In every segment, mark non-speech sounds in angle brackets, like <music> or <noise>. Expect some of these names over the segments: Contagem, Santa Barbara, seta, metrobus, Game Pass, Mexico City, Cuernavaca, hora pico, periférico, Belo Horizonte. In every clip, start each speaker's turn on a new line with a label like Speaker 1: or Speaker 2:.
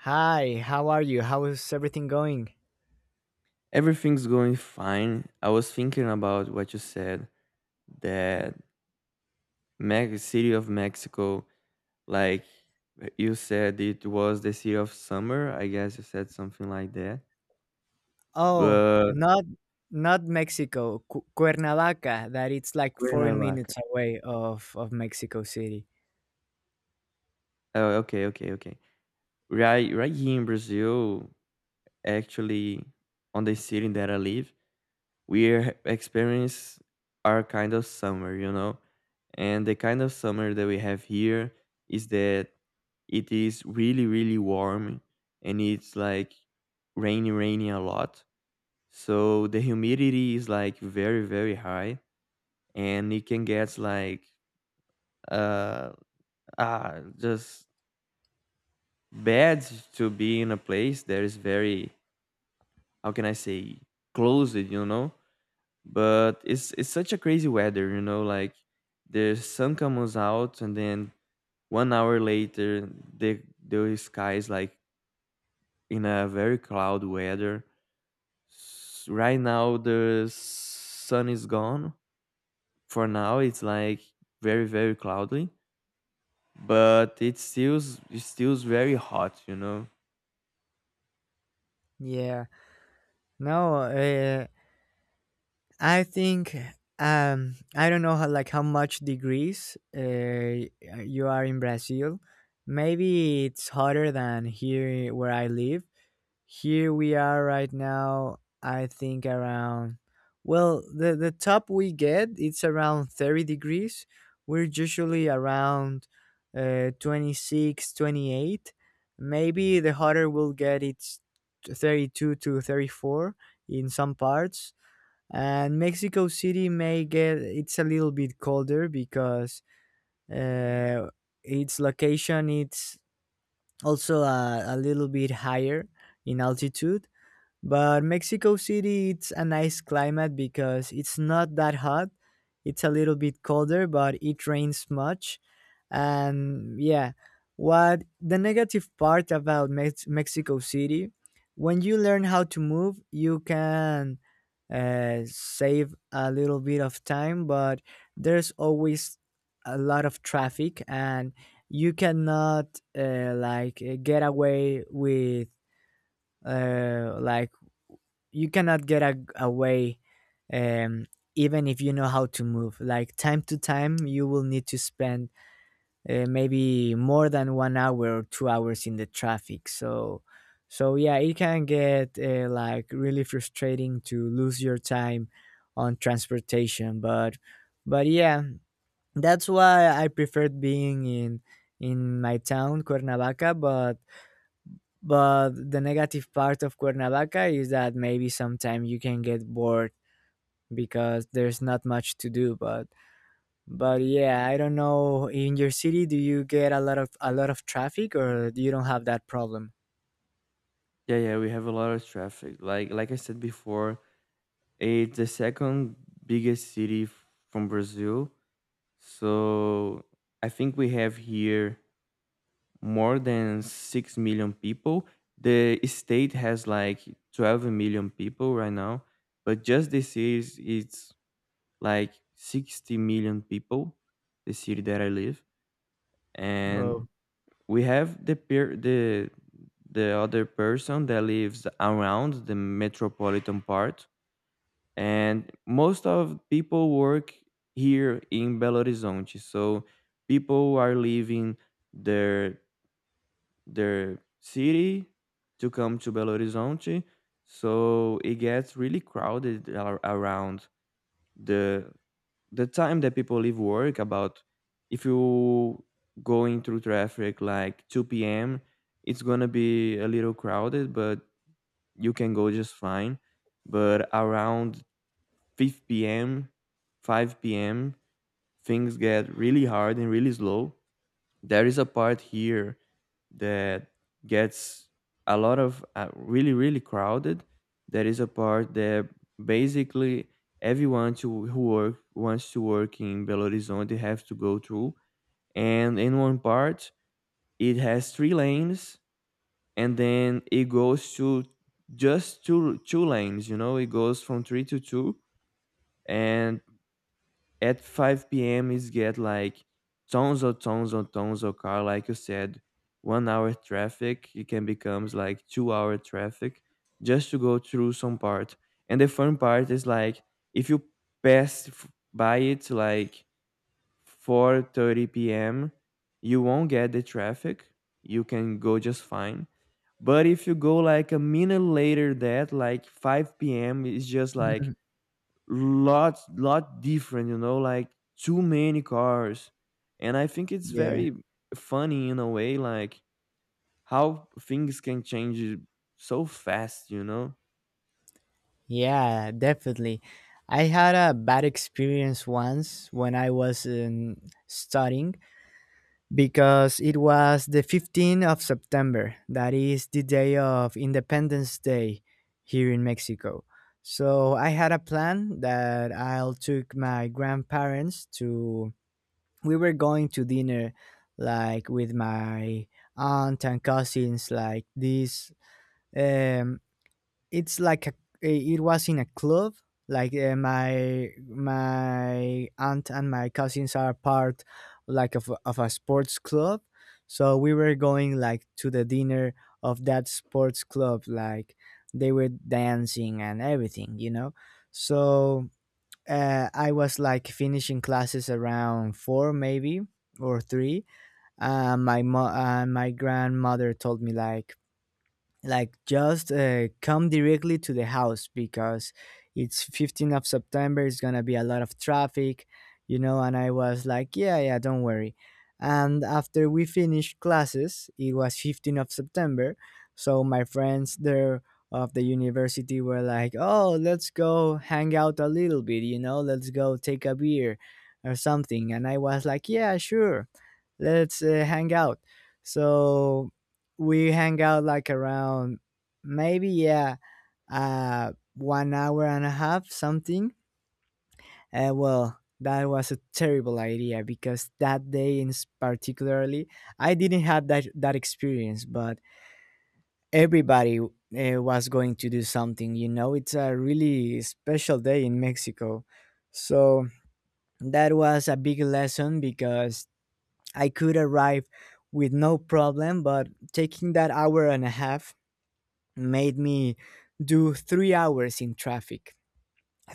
Speaker 1: Hi, how are you? How is everything going?
Speaker 2: Everything's going fine. I was thinking about what you said that Mex City of Mexico, like you said, it was the city of summer. I guess you said something like that.
Speaker 1: Oh,
Speaker 2: But
Speaker 1: not not Mexico, Cuernavaca, that it's like 40
Speaker 2: Cuernavaca.
Speaker 1: minutes away of Mexico City.
Speaker 2: Oh, okay, okay, okay. Right, right here in Brazil, actually, on the city that I live. We experience our kind of summer, you know? And the kind of summer that we have here is that it is really, really warm and it's like rainy, raining a lot. So the humidity is like very, very high and it can get like uh just bad to be in a place that is very, how can I say, closed, you know? But it's such a crazy weather, you know, like the sun comes out and then 1 hour later the sky is like in a very cloud weather. Right now the sun is gone. For now it's like very, very cloudy, but it still, it stills very hot, you know.
Speaker 1: Yeah. No, I think I don't know how, like, how much degrees you are in Brazil. Maybe it's hotter than here where I live. Here we are right now, I think around, well, the top we get, it's around 30 degrees. We're usually around 26, 28. Maybe the hotter we'll get, it's 32 to 34 in some parts. And Mexico City may get, it's a little bit colder because uh, its location, it's also a little bit higher in altitude, but Mexico City, it's a nice climate because it's not that hot. It's a little bit colder, but it rains much. And yeah, what the negative part about Mexico City, when you learn how to move, you can save a little bit of time, but there's always a lot of traffic, and you cannot like get away with like, you cannot get away, um, even if you know how to move, like time to time you will need to spend maybe more than 1 hour or 2 hours in the traffic. So yeah, it can get like really frustrating to lose your time on transportation. But yeah, that's why I preferred being in my town Cuernavaca. But the negative part of Cuernavaca is that maybe sometime you can get bored because there's not much to do. But yeah, I don't know. In your city, do you get a lot of traffic, or you don't have that problem?
Speaker 2: Yeah, yeah, we have a lot of traffic, like I said before, it's the second biggest city from Brazil. So I think we have here more than 6 million people. The state has like 12 million people right now, but just the city, it's like 60 million people, the city that I live. And
Speaker 1: Oh,
Speaker 2: we have the peer, the other person that lives around the metropolitan part, and most of people work here in Belo Horizonte. So people are leaving their their city to come to Belo Horizonte. So it gets really crowded around the the time that people leave work. About, if you going through traffic like 2 p.m., it's gonna be a little crowded, but you can go just fine. But around 5 p.m., 5 p.m., things get really hard and really slow. There is a part here that gets a lot of really, really crowded. There is a part that basically everyone who work, wants to work in Belo Horizonte, have to go through. And in one part, it has three lanes and then it goes to just two lanes, you know, it goes from three to two. And at 5 p.m. is get like tons of tons of tons of car, like you said, 1 hour traffic. It can becomes like 2 hour traffic just to go through some part. And the fun part is like, if you pass by it like 4:30 p.m., you won't get the traffic. You can go just fine. But if you go like a minute later, that like 5 p.m. is just like
Speaker 1: <laughs>
Speaker 2: lot different, you know, like too many cars. And I think it's
Speaker 1: yeah,
Speaker 2: very funny in a way, like how things can change so fast, you know.
Speaker 1: yeah, definitely. I had a bad experience once when I was in studying because it was the 15th of September. That is the day of Independence Day here in Mexico. So I had a plan that I'll took my grandparents to, we were going to dinner, like with my aunt and cousins, like this, um it's like it was in a club, like my aunt and my cousins are part, like of a sports club. So we were going, like, to the dinner of that sports club, like they were dancing and everything. So I was like finishing classes around four maybe, or three. My grandmother told me, like, just come directly to the house because it's 15th of September, it's gonna be a lot of traffic, and I was like, yeah, yeah, don't worry. And after we finished classes, it was 15th of September, so my friends there of the university were like, oh, let's go hang out a little bit, let's go take a beer or something. And I was like, yeah, sure, let's hang out. So we hang out, like, around, maybe yeah, 1 hour and a half, something. Well, that was a terrible idea because that day in particularly, I didn't have that experience, but everybody was going to do something, it's a really special day in Mexico. So that was a big lesson because I could arrive with no problem, but taking that hour and a half made me do 3 hours in traffic.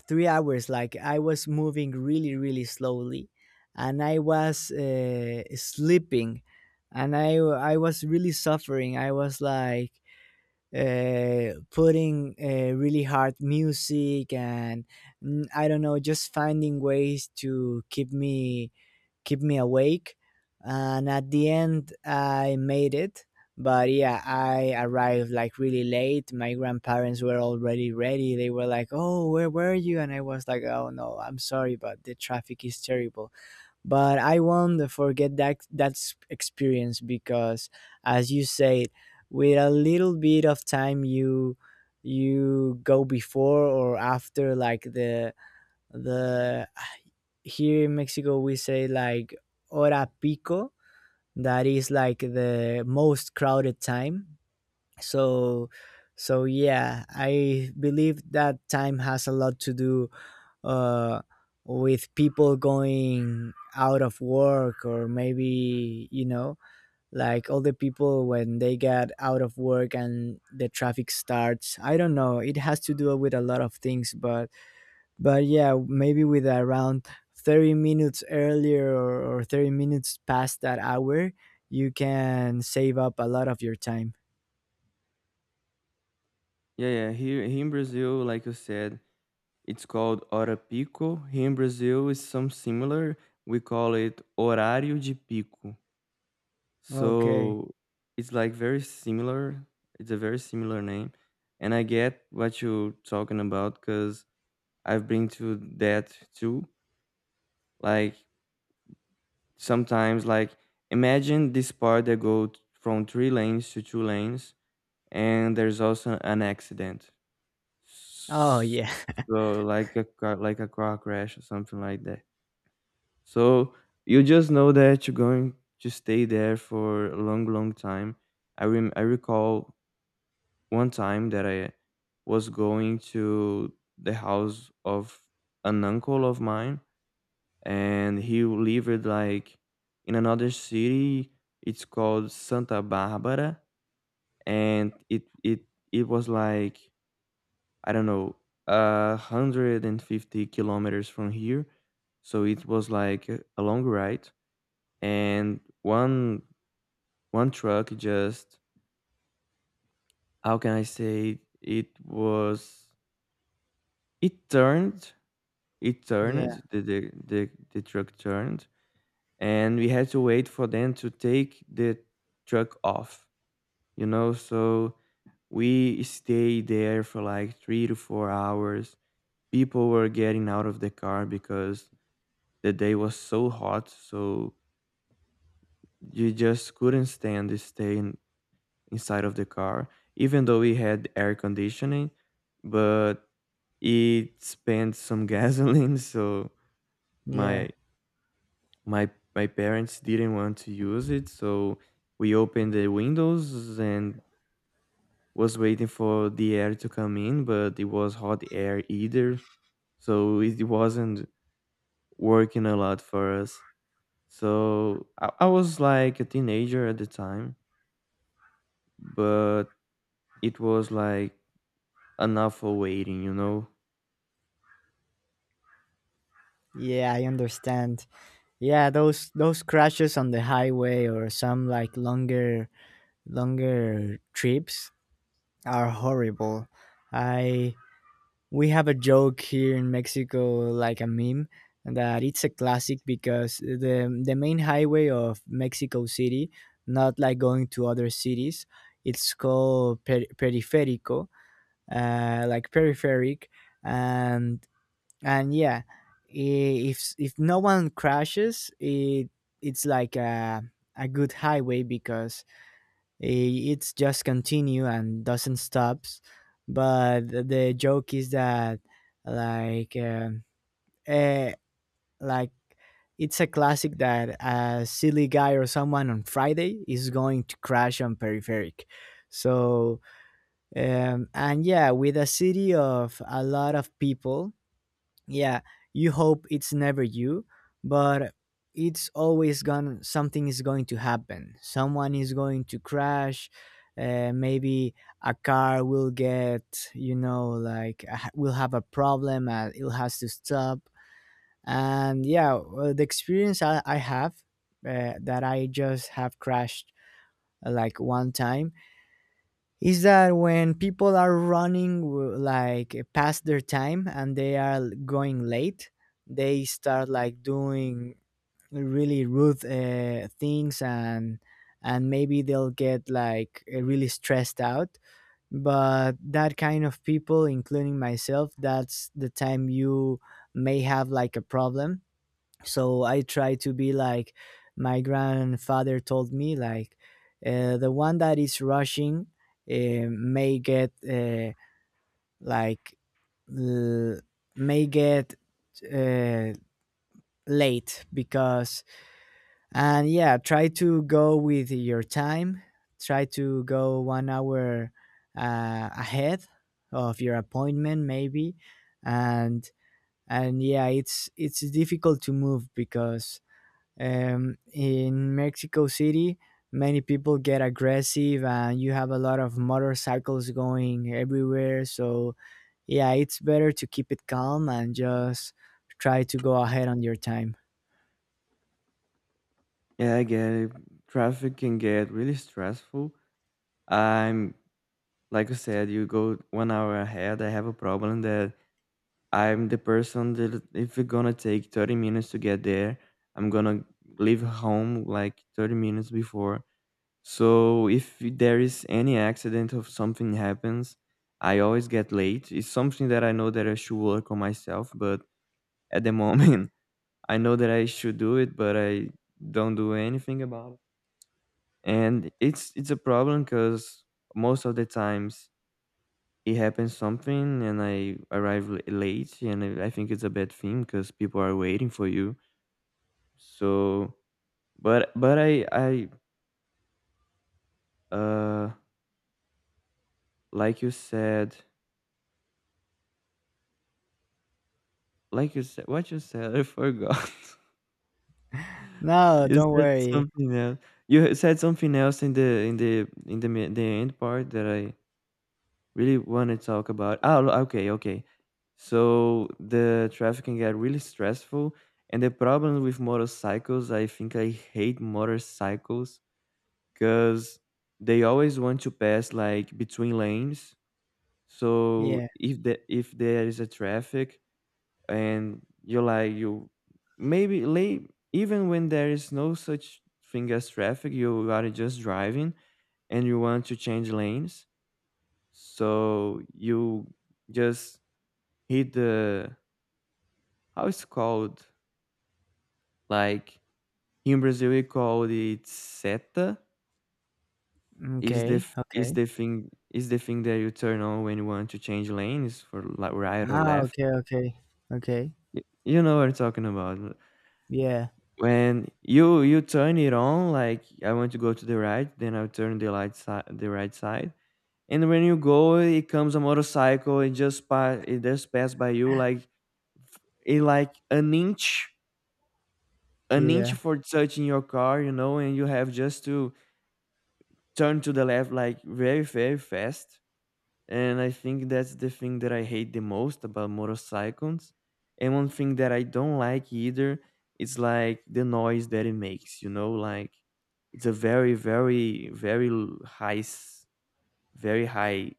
Speaker 1: 3 hours, like I was moving really, really slowly, and I was sleeping, and I was really suffering. I was like putting really hard music, and I don't know, just finding ways to keep me awake. And at the end, I made it. But yeah, I arrived like really late. My grandparents were already ready. They were like, "Oh, where were you?" And I was like, "Oh no, I'm sorry, but the traffic is terrible." But I won't forget that experience because, as you said, with a little bit of time, you go before or after, like, the here in Mexico we say, like, hora pico, that is like the most crowded time. So so yeah, I believe that time has a lot to do uh with people going out of work, or maybe, like all the people, when they get out of work and the traffic starts, I don't know, it has to do with a lot of things. But yeah, maybe with around 30 minutes earlier, or 30 minutes past that hour, you can save up a lot of your time.
Speaker 2: Yeah, yeah, here, in Brazil, like you said, it's called hora pico. Here in Brazil is some similar, we call it horário de pico.
Speaker 1: Okay.
Speaker 2: So it's like very similar, it's a very similar name. And I get what you're talking about because I've been to that too. Like sometimes, like imagine this part that goes from three lanes to two lanes, and there's also an accident.
Speaker 1: Oh, yeah.
Speaker 2: So like a car crash or something like that. So you just know that you're going to stay there for a long, long time. I recall one time that I was going to the house of an uncle of mine, and he lived like in another city. It's called Santa Barbara, and it it was like, I don't know, 150 kilometers from here, so it was like a long ride. And one truck just, how can I say, it was, it turned, it
Speaker 1: <laughs> Yeah,
Speaker 2: turned the truck turned, and we had to wait for them to take the truck off, you know. So we stayed there for like 3 to 4 hours. People were getting out of the car because the day was so hot, so you just couldn't stand to stay in, inside of the car, even though we had air conditioning, but it spent some <laughs> gasoline. So
Speaker 1: yeah,
Speaker 2: my my my parents didn't want to use it, so we opened the windows and was waiting for the air to come in, but it was hot air either, so it wasn't working a lot for us. So I was like a teenager at the time, but it was like enough for waiting, you know.
Speaker 1: yeah, I understand. Yeah, those crashes on the highway, or some like longer trips are horrible. I. We have a joke here in Mexico, like a meme, that it's a classic because the main highway of Mexico City, not like going to other cities, it's called periférico, like peripheric, and and yeah, if no one crashes, it's like a good highway because I- it's just continue and doesn't stops. But the joke is that, like um eh, like, it's a classic that a silly guy or someone on Friday is going to crash on peripheric. So and yeah, with a city of a lot of people, yeah, you hope it's never you, but it's always gone, something is going to happen, someone is going to crash. Maybe a car will get you know like a- will have a problem and it has to stop. And yeah, well, the experience I have, that I just have crashed like one time, is that when people are running like past their time, and they are going late, they start like doing really rude things. And maybe they'll get like really stressed out. But that kind of people, including myself, that's the time you may have like a problem. So I try to be like, my grandfather told me, like, the one that is rushing uh, may get uh, like l- may get uh, late, because, and yeah, try to go with your time, try to go 1 hour ahead of your appointment, maybe. And and yeah, it's difficult to move because, in Mexico City, many people get aggressive, and you have a lot of motorcycles going everywhere. So, yeah, it's better to keep it calm and just try to go ahead on your time.
Speaker 2: Yeah, I get it. Traffic can get really stressful. I'm like I said, you go 1 hour ahead. I have a problem that I'm the person that if it's gonna take 30 minutes to get there, I'm gonna leave home like 30 minutes before. So if there is any accident or something happens, I always get late. It's something that I know that I should work on myself, but at the moment, <laughs> I know that I should do it, but I don't do anything about it. And it's a problem because most of the times it happens something and I arrive late, and I think it's a bad thing because people are waiting for you. So, but I uh like you said, what you said, I forgot. <laughs>
Speaker 1: No,
Speaker 2: You
Speaker 1: don't
Speaker 2: said
Speaker 1: worry.
Speaker 2: something else. You said something else in the the end part that I really want to talk about. Oh, okay, okay. So the traffic can get really stressful, and the problem with motorcycles, I think I hate motorcycles because they always want to pass like between lanes. So
Speaker 1: Yeah.
Speaker 2: if there is a traffic and you're like you maybe late, even when there is no such thing as traffic, you are just driving and you want to change lanes, so you just hit the, how it's called? Like in Brazil we call it seta.
Speaker 1: Okay.
Speaker 2: Is
Speaker 1: Okay.
Speaker 2: the thing, that you turn on when you want to change lanes for like right or
Speaker 1: Ah,
Speaker 2: left?
Speaker 1: okay. Okay. Okay.
Speaker 2: You know what I'm talking about.
Speaker 1: Yeah.
Speaker 2: When you turn it on, like I want to go to the right, then I turn the light side the right side. And when you go, it comes a motorcycle, it just pass, by you like, it like an inch,
Speaker 1: Yeah.
Speaker 2: for touching your car, you know, and you have just to turn to the left like very, very fast. And I think that's the thing that I hate the most about motorcycles. And one thing that I don't like either is like the noise that it makes, you know, like it's a very, very, very high, very high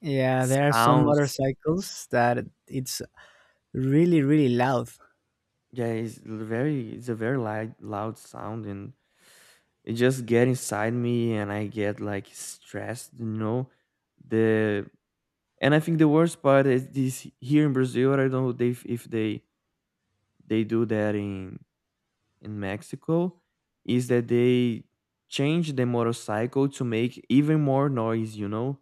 Speaker 1: Yeah. There are some
Speaker 2: sounds.
Speaker 1: motorcycles that it's really, really loud.
Speaker 2: Yeah, it's very, it's a very loud, loud sound, and it just get inside me and I get like stressed, you know. The And I think the worst part is this, here in Brazil, I don't know if they they do that in Mexico, is that they change the motorcycle to make even more noise, you know.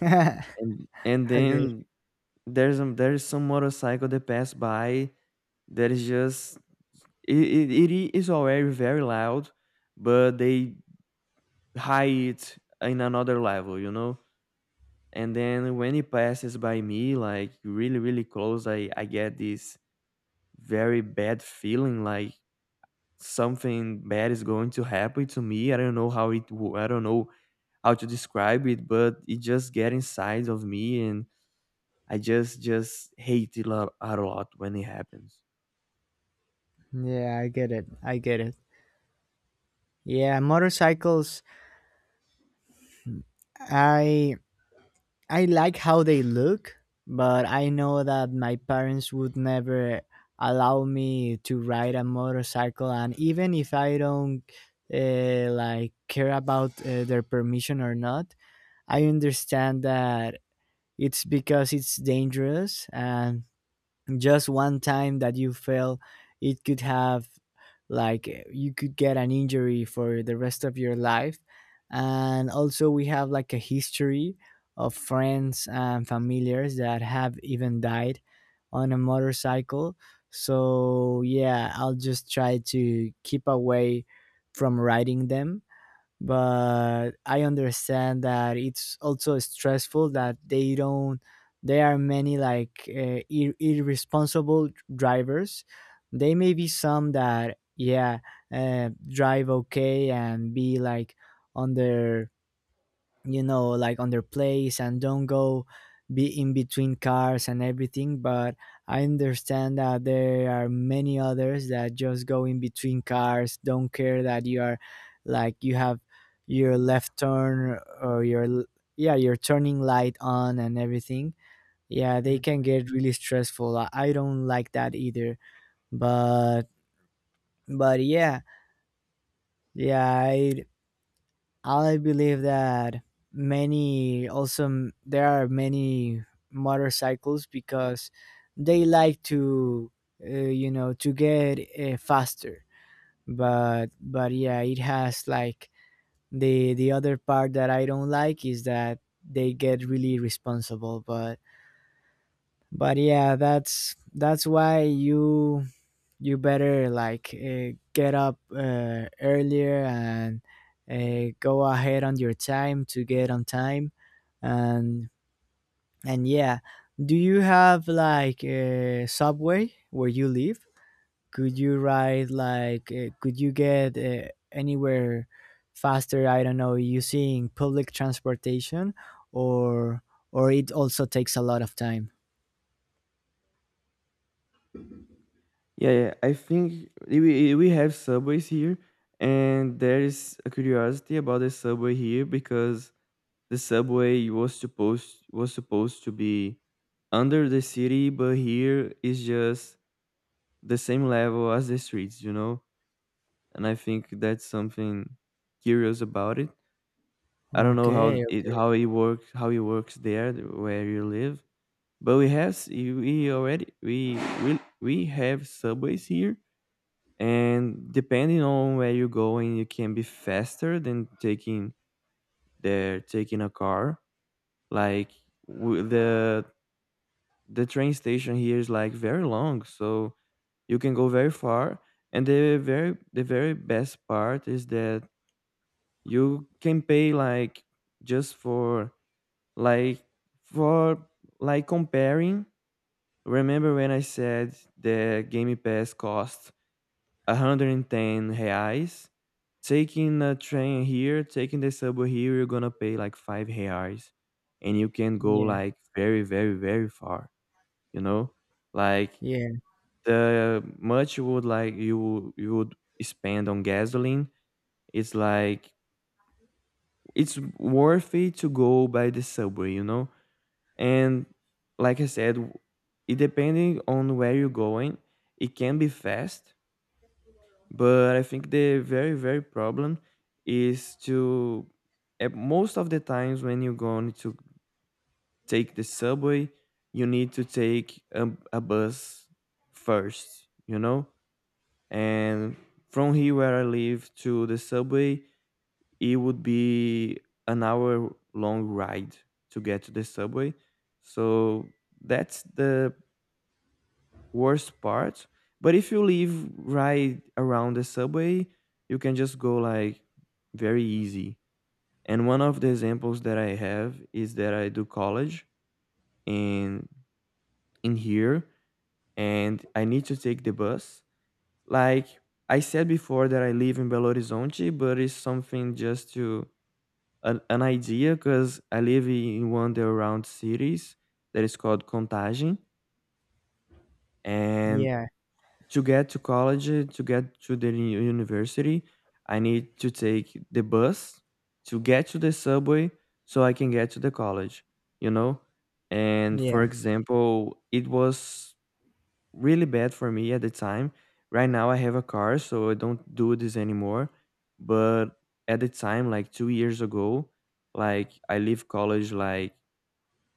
Speaker 1: <laughs>
Speaker 2: And
Speaker 1: Okay.
Speaker 2: then there's some motorcycle that pass by that is just it, it is already very loud, but they high it in another level, you know? And then when it passes by me, like really, really close, I get this very bad feeling like something bad is going to happen to me. I don't know how I don't know how to describe it, but it just get inside of me, and just hate it a lot when it happens.
Speaker 1: Yeah, I get it. I get it. Yeah, motorcycles. I I like how they look, but I know that my parents would never allow me to ride a motorcycle, and even if I don't like care about their permission or not, I understand that it's because it's dangerous, and just one time that you fail, it could have like eh, you could get an injury for the rest of your life, and also we have like a history of friends and familiars that have even died on a motorcycle. So yeah, I'll just try to keep away from riding them. But I understand that it's also stressful that they don't. There are many, like, irresponsible drivers. They may be some that, yeah, drive okay and be like on their you know like on their place, and don't go be in between cars and everything. But I understand that there are many others that just go in between cars, don't care that you are, like, you have your left turn or your yeah, your turning light on and everything. Yeah, they
Speaker 2: Sure.
Speaker 1: can get really stressful, I don't like that either. But but yeah, yeah, I believe that there are many motorcycles because they like to you know to get faster. But yeah, it has, like, the other part that I don't like, is that they get really responsible. But yeah, that's why you better like get up earlier, and go ahead on your time to get on time. And and yeah, do you have like a subway where you live? Could you get anywhere faster? I don't know, using public transportation, or or it also takes a lot of time?
Speaker 2: Yeah, yeah. I think we have subways here, and there is a curiosity about the subway here because the subway was supposed to be under the city, but here is just the same level as the streets, you know? And I think that's something curious about it. I don't know how
Speaker 1: Okay,
Speaker 2: it,
Speaker 1: okay.
Speaker 2: how it works there where you live, but we have s- we already we have subways here, and depending on where you're going, you can be faster than taking there, taking a car. Like w- the the train station here is like very long, so you can go very far. And the very best part is that you can pay like just for, like, for, like, comparing. Remember when I said the Game Pass cost 110 reais? Taking a train here, taking the subway here, you're gonna pay like 5 reais, and you can go
Speaker 1: Yeah,
Speaker 2: like very, very, very far. You know, like
Speaker 1: yeah,
Speaker 2: the much you would like you would spend on gasoline it's like it's worth it to go by the subway. And like I said w- It depending on where you're going, it can be fast. But I think the very very problem is to, at most of the times when you're going to take the subway, you need to take a bus first. And from here where I live to the subway, it would be an hour long ride to get to the subway. So that's the worst part. But if you live right around the subway, you can just go like very easy. And one of the examples that I have is that I do college in in here, and I need to take the bus. Like I said before, that I live in Belo Horizonte, but it's something just to an idea because I live in one of the around cities that is called Contagem. And
Speaker 1: yeah,
Speaker 2: to get to college, to get to the university, I need to take the bus to get to the subway so I can get to the college, you know? And
Speaker 1: yeah,
Speaker 2: for example, it was really bad for me at the time. Right now I have a car, so I don't do this anymore. But at the time, like 2 years ago, like I leave college like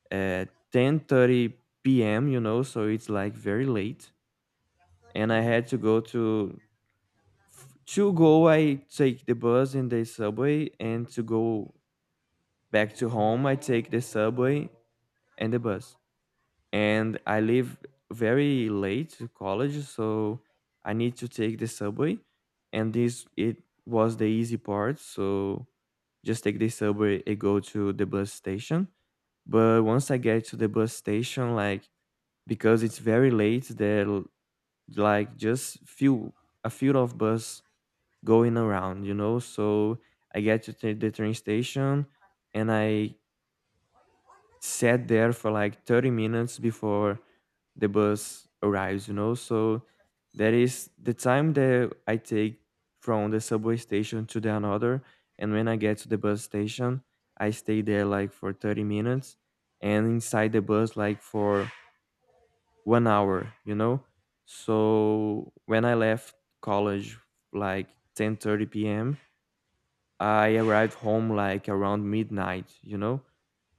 Speaker 2: at 10:30 p.m. You know, so it's like very late, and I had to go to go. I take the bus and the subway, and to go back to home, I take the subway and the bus. And I live very late to college, so I need to take the subway, and this it was the easy part. So just take the subway and go to the bus station. But once I get to the bus station, like because it's very late, like just few a few of bus going around, you know. So I get to the train station, and I sat there for like 30 minutes before the bus arrives, you know? So that is the time that I take from the subway station to the another. And when I get to the bus station, I stay there like for 30 minutes, and inside the bus like for 1 hour, you know? So when I left college like 10:30 30 p.m., I arrived home like around midnight, you know?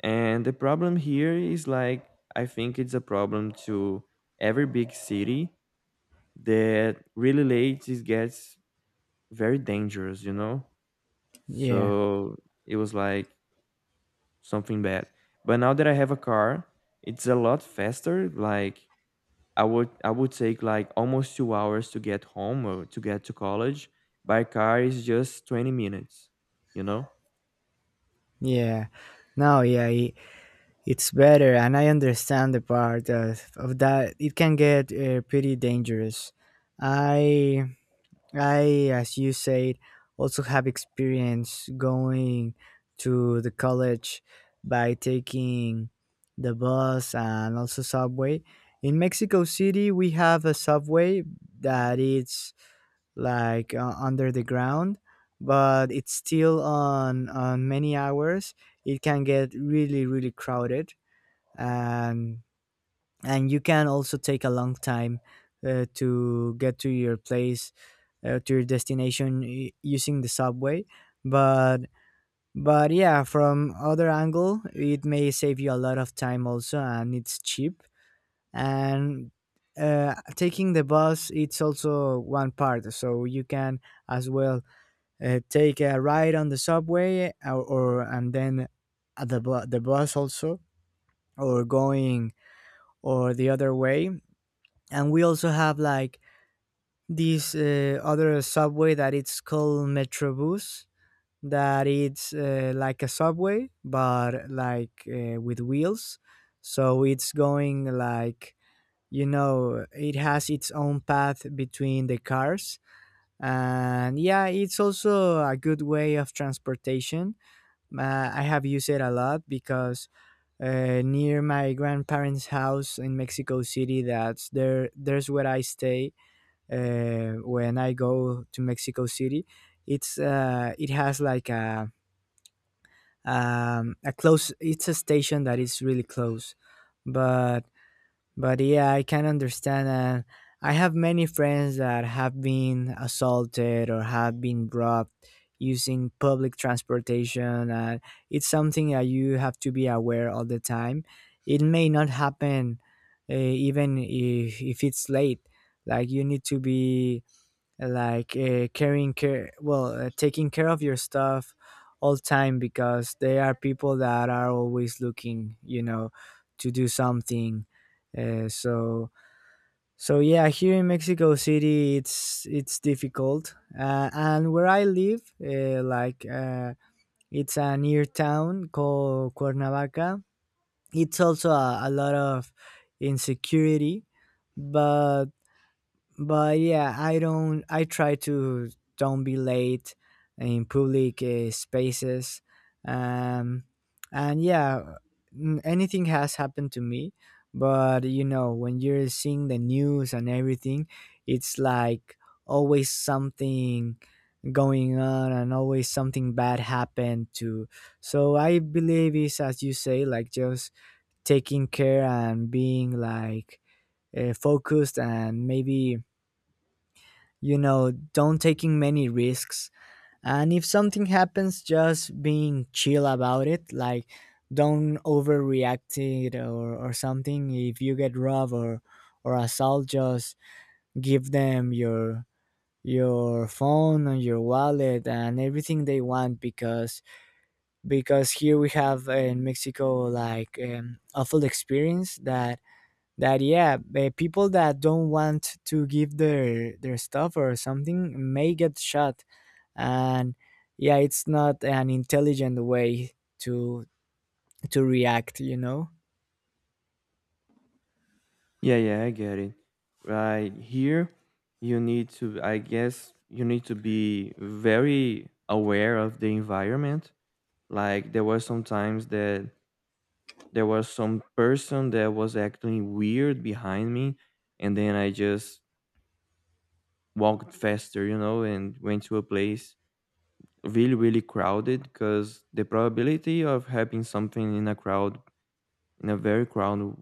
Speaker 2: And the problem here is like, I think it's a problem to every big city, that really late it gets very dangerous, you know?
Speaker 1: yeah.
Speaker 2: So it was like something bad. But now that I have a car, it's a lot faster. Like I would take like almost 2 hours to get home or to get to college. By car is just 20 minutes, you know?
Speaker 1: Yeah. No, yeah, it's better, and I understand the part of that. It can get pretty dangerous. I, I, as you said, also have experience going to the college by taking the bus and also subway. In Mexico City, we have a subway that is like under the ground, but it's still on many hours it can get really, really crowded, and and you can also take a long time to get to your place, to your destination using the subway. But but yeah, from other angle it may save you a lot of time also, and it's cheap. And taking the bus, it's also one part, so you can as well take a ride on the subway, or and then at the bus also, or going, or the other way. And we also have, like, this other subway that it's called metrobus, that it's like a subway but like with wheels. So it's going like, it has its own path between the cars. And yeah, it's also a good way of transportation. I have used it a lot because, near my grandparents' house in Mexico City, that's there. There's where I stay when I go to Mexico City. It's it has like a close. It's a station that is really close. But but yeah, I can understand. And I have many friends that have been assaulted or have been robbed using public transportation. And it's something that you have to be aware all the time. It may not happen even if it's late. Like, you need to be like, caring care well taking care of your stuff all time, because they are people that are always looking, to do something, so, so yeah, here in Mexico City it's difficult. And where I live, like, it's a near town called Cuernavaca, it's also a lot of insecurity. But but yeah, I don't. I try to don't be late in public spaces, um and yeah, anything has happened to me, but, when you're seeing the news and everything, it's like always something going on and always something bad happened to. So I believe it's, as you say, like just taking care and being like focused, and maybe, don't taking many risks. And if something happens, just being chill about it. Like, don't overreact it or something. If you get robbed or assault, just give them your phone and your wallet and everything they want, because here we have in Mexico, like, awful experience that, yeah, the people that don't want to give their stuff or something may get shot, and yeah, it's not an intelligent way to to react.
Speaker 2: Yeah, yeah, I get it. Right here, you need to, I guess, you need to be very aware of the environment. Like, there were some times that there was some person that was acting weird behind me, and then I just walked faster, you know, and went to a place really, really crowded, because the probability of having something in a crowd, in a very crowded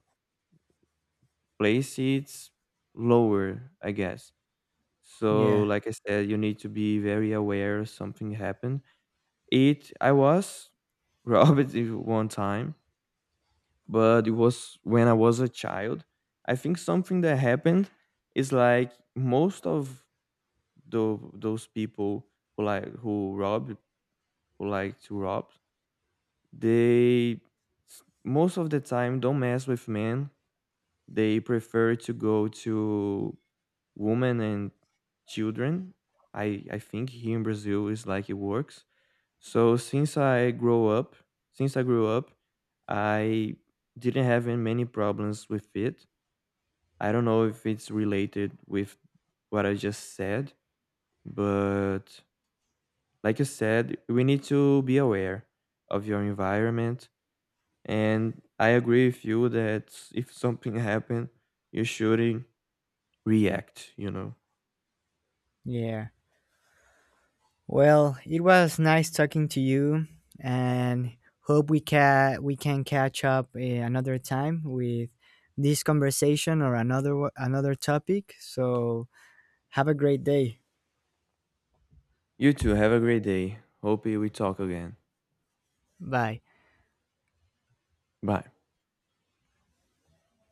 Speaker 2: place, it's lower, I guess. So,
Speaker 1: Yeah,
Speaker 2: like I said, you need to be very aware something happened. It I was <laughs> robbed it one time, but it was when I was a child. I think something that happened is like most of the those people who rob, who like to rob, they most of the time don't mess with men. They prefer to go to women and children. I think here in Brazil is like it works. So since I grew up, I didn't have many problems with it. I don't know if it's related with what I just said, but like I said, we need to be aware of your environment. And I agree with you that if something <laughs> happened, you shouldn't react, you know.
Speaker 1: yeah. Well, it was nice talking to you, and hope we can catch up another time with this conversation, or another topic. So have a great day.
Speaker 2: You too, have a great day. Hope we talk again.
Speaker 1: Bye.
Speaker 2: Bye.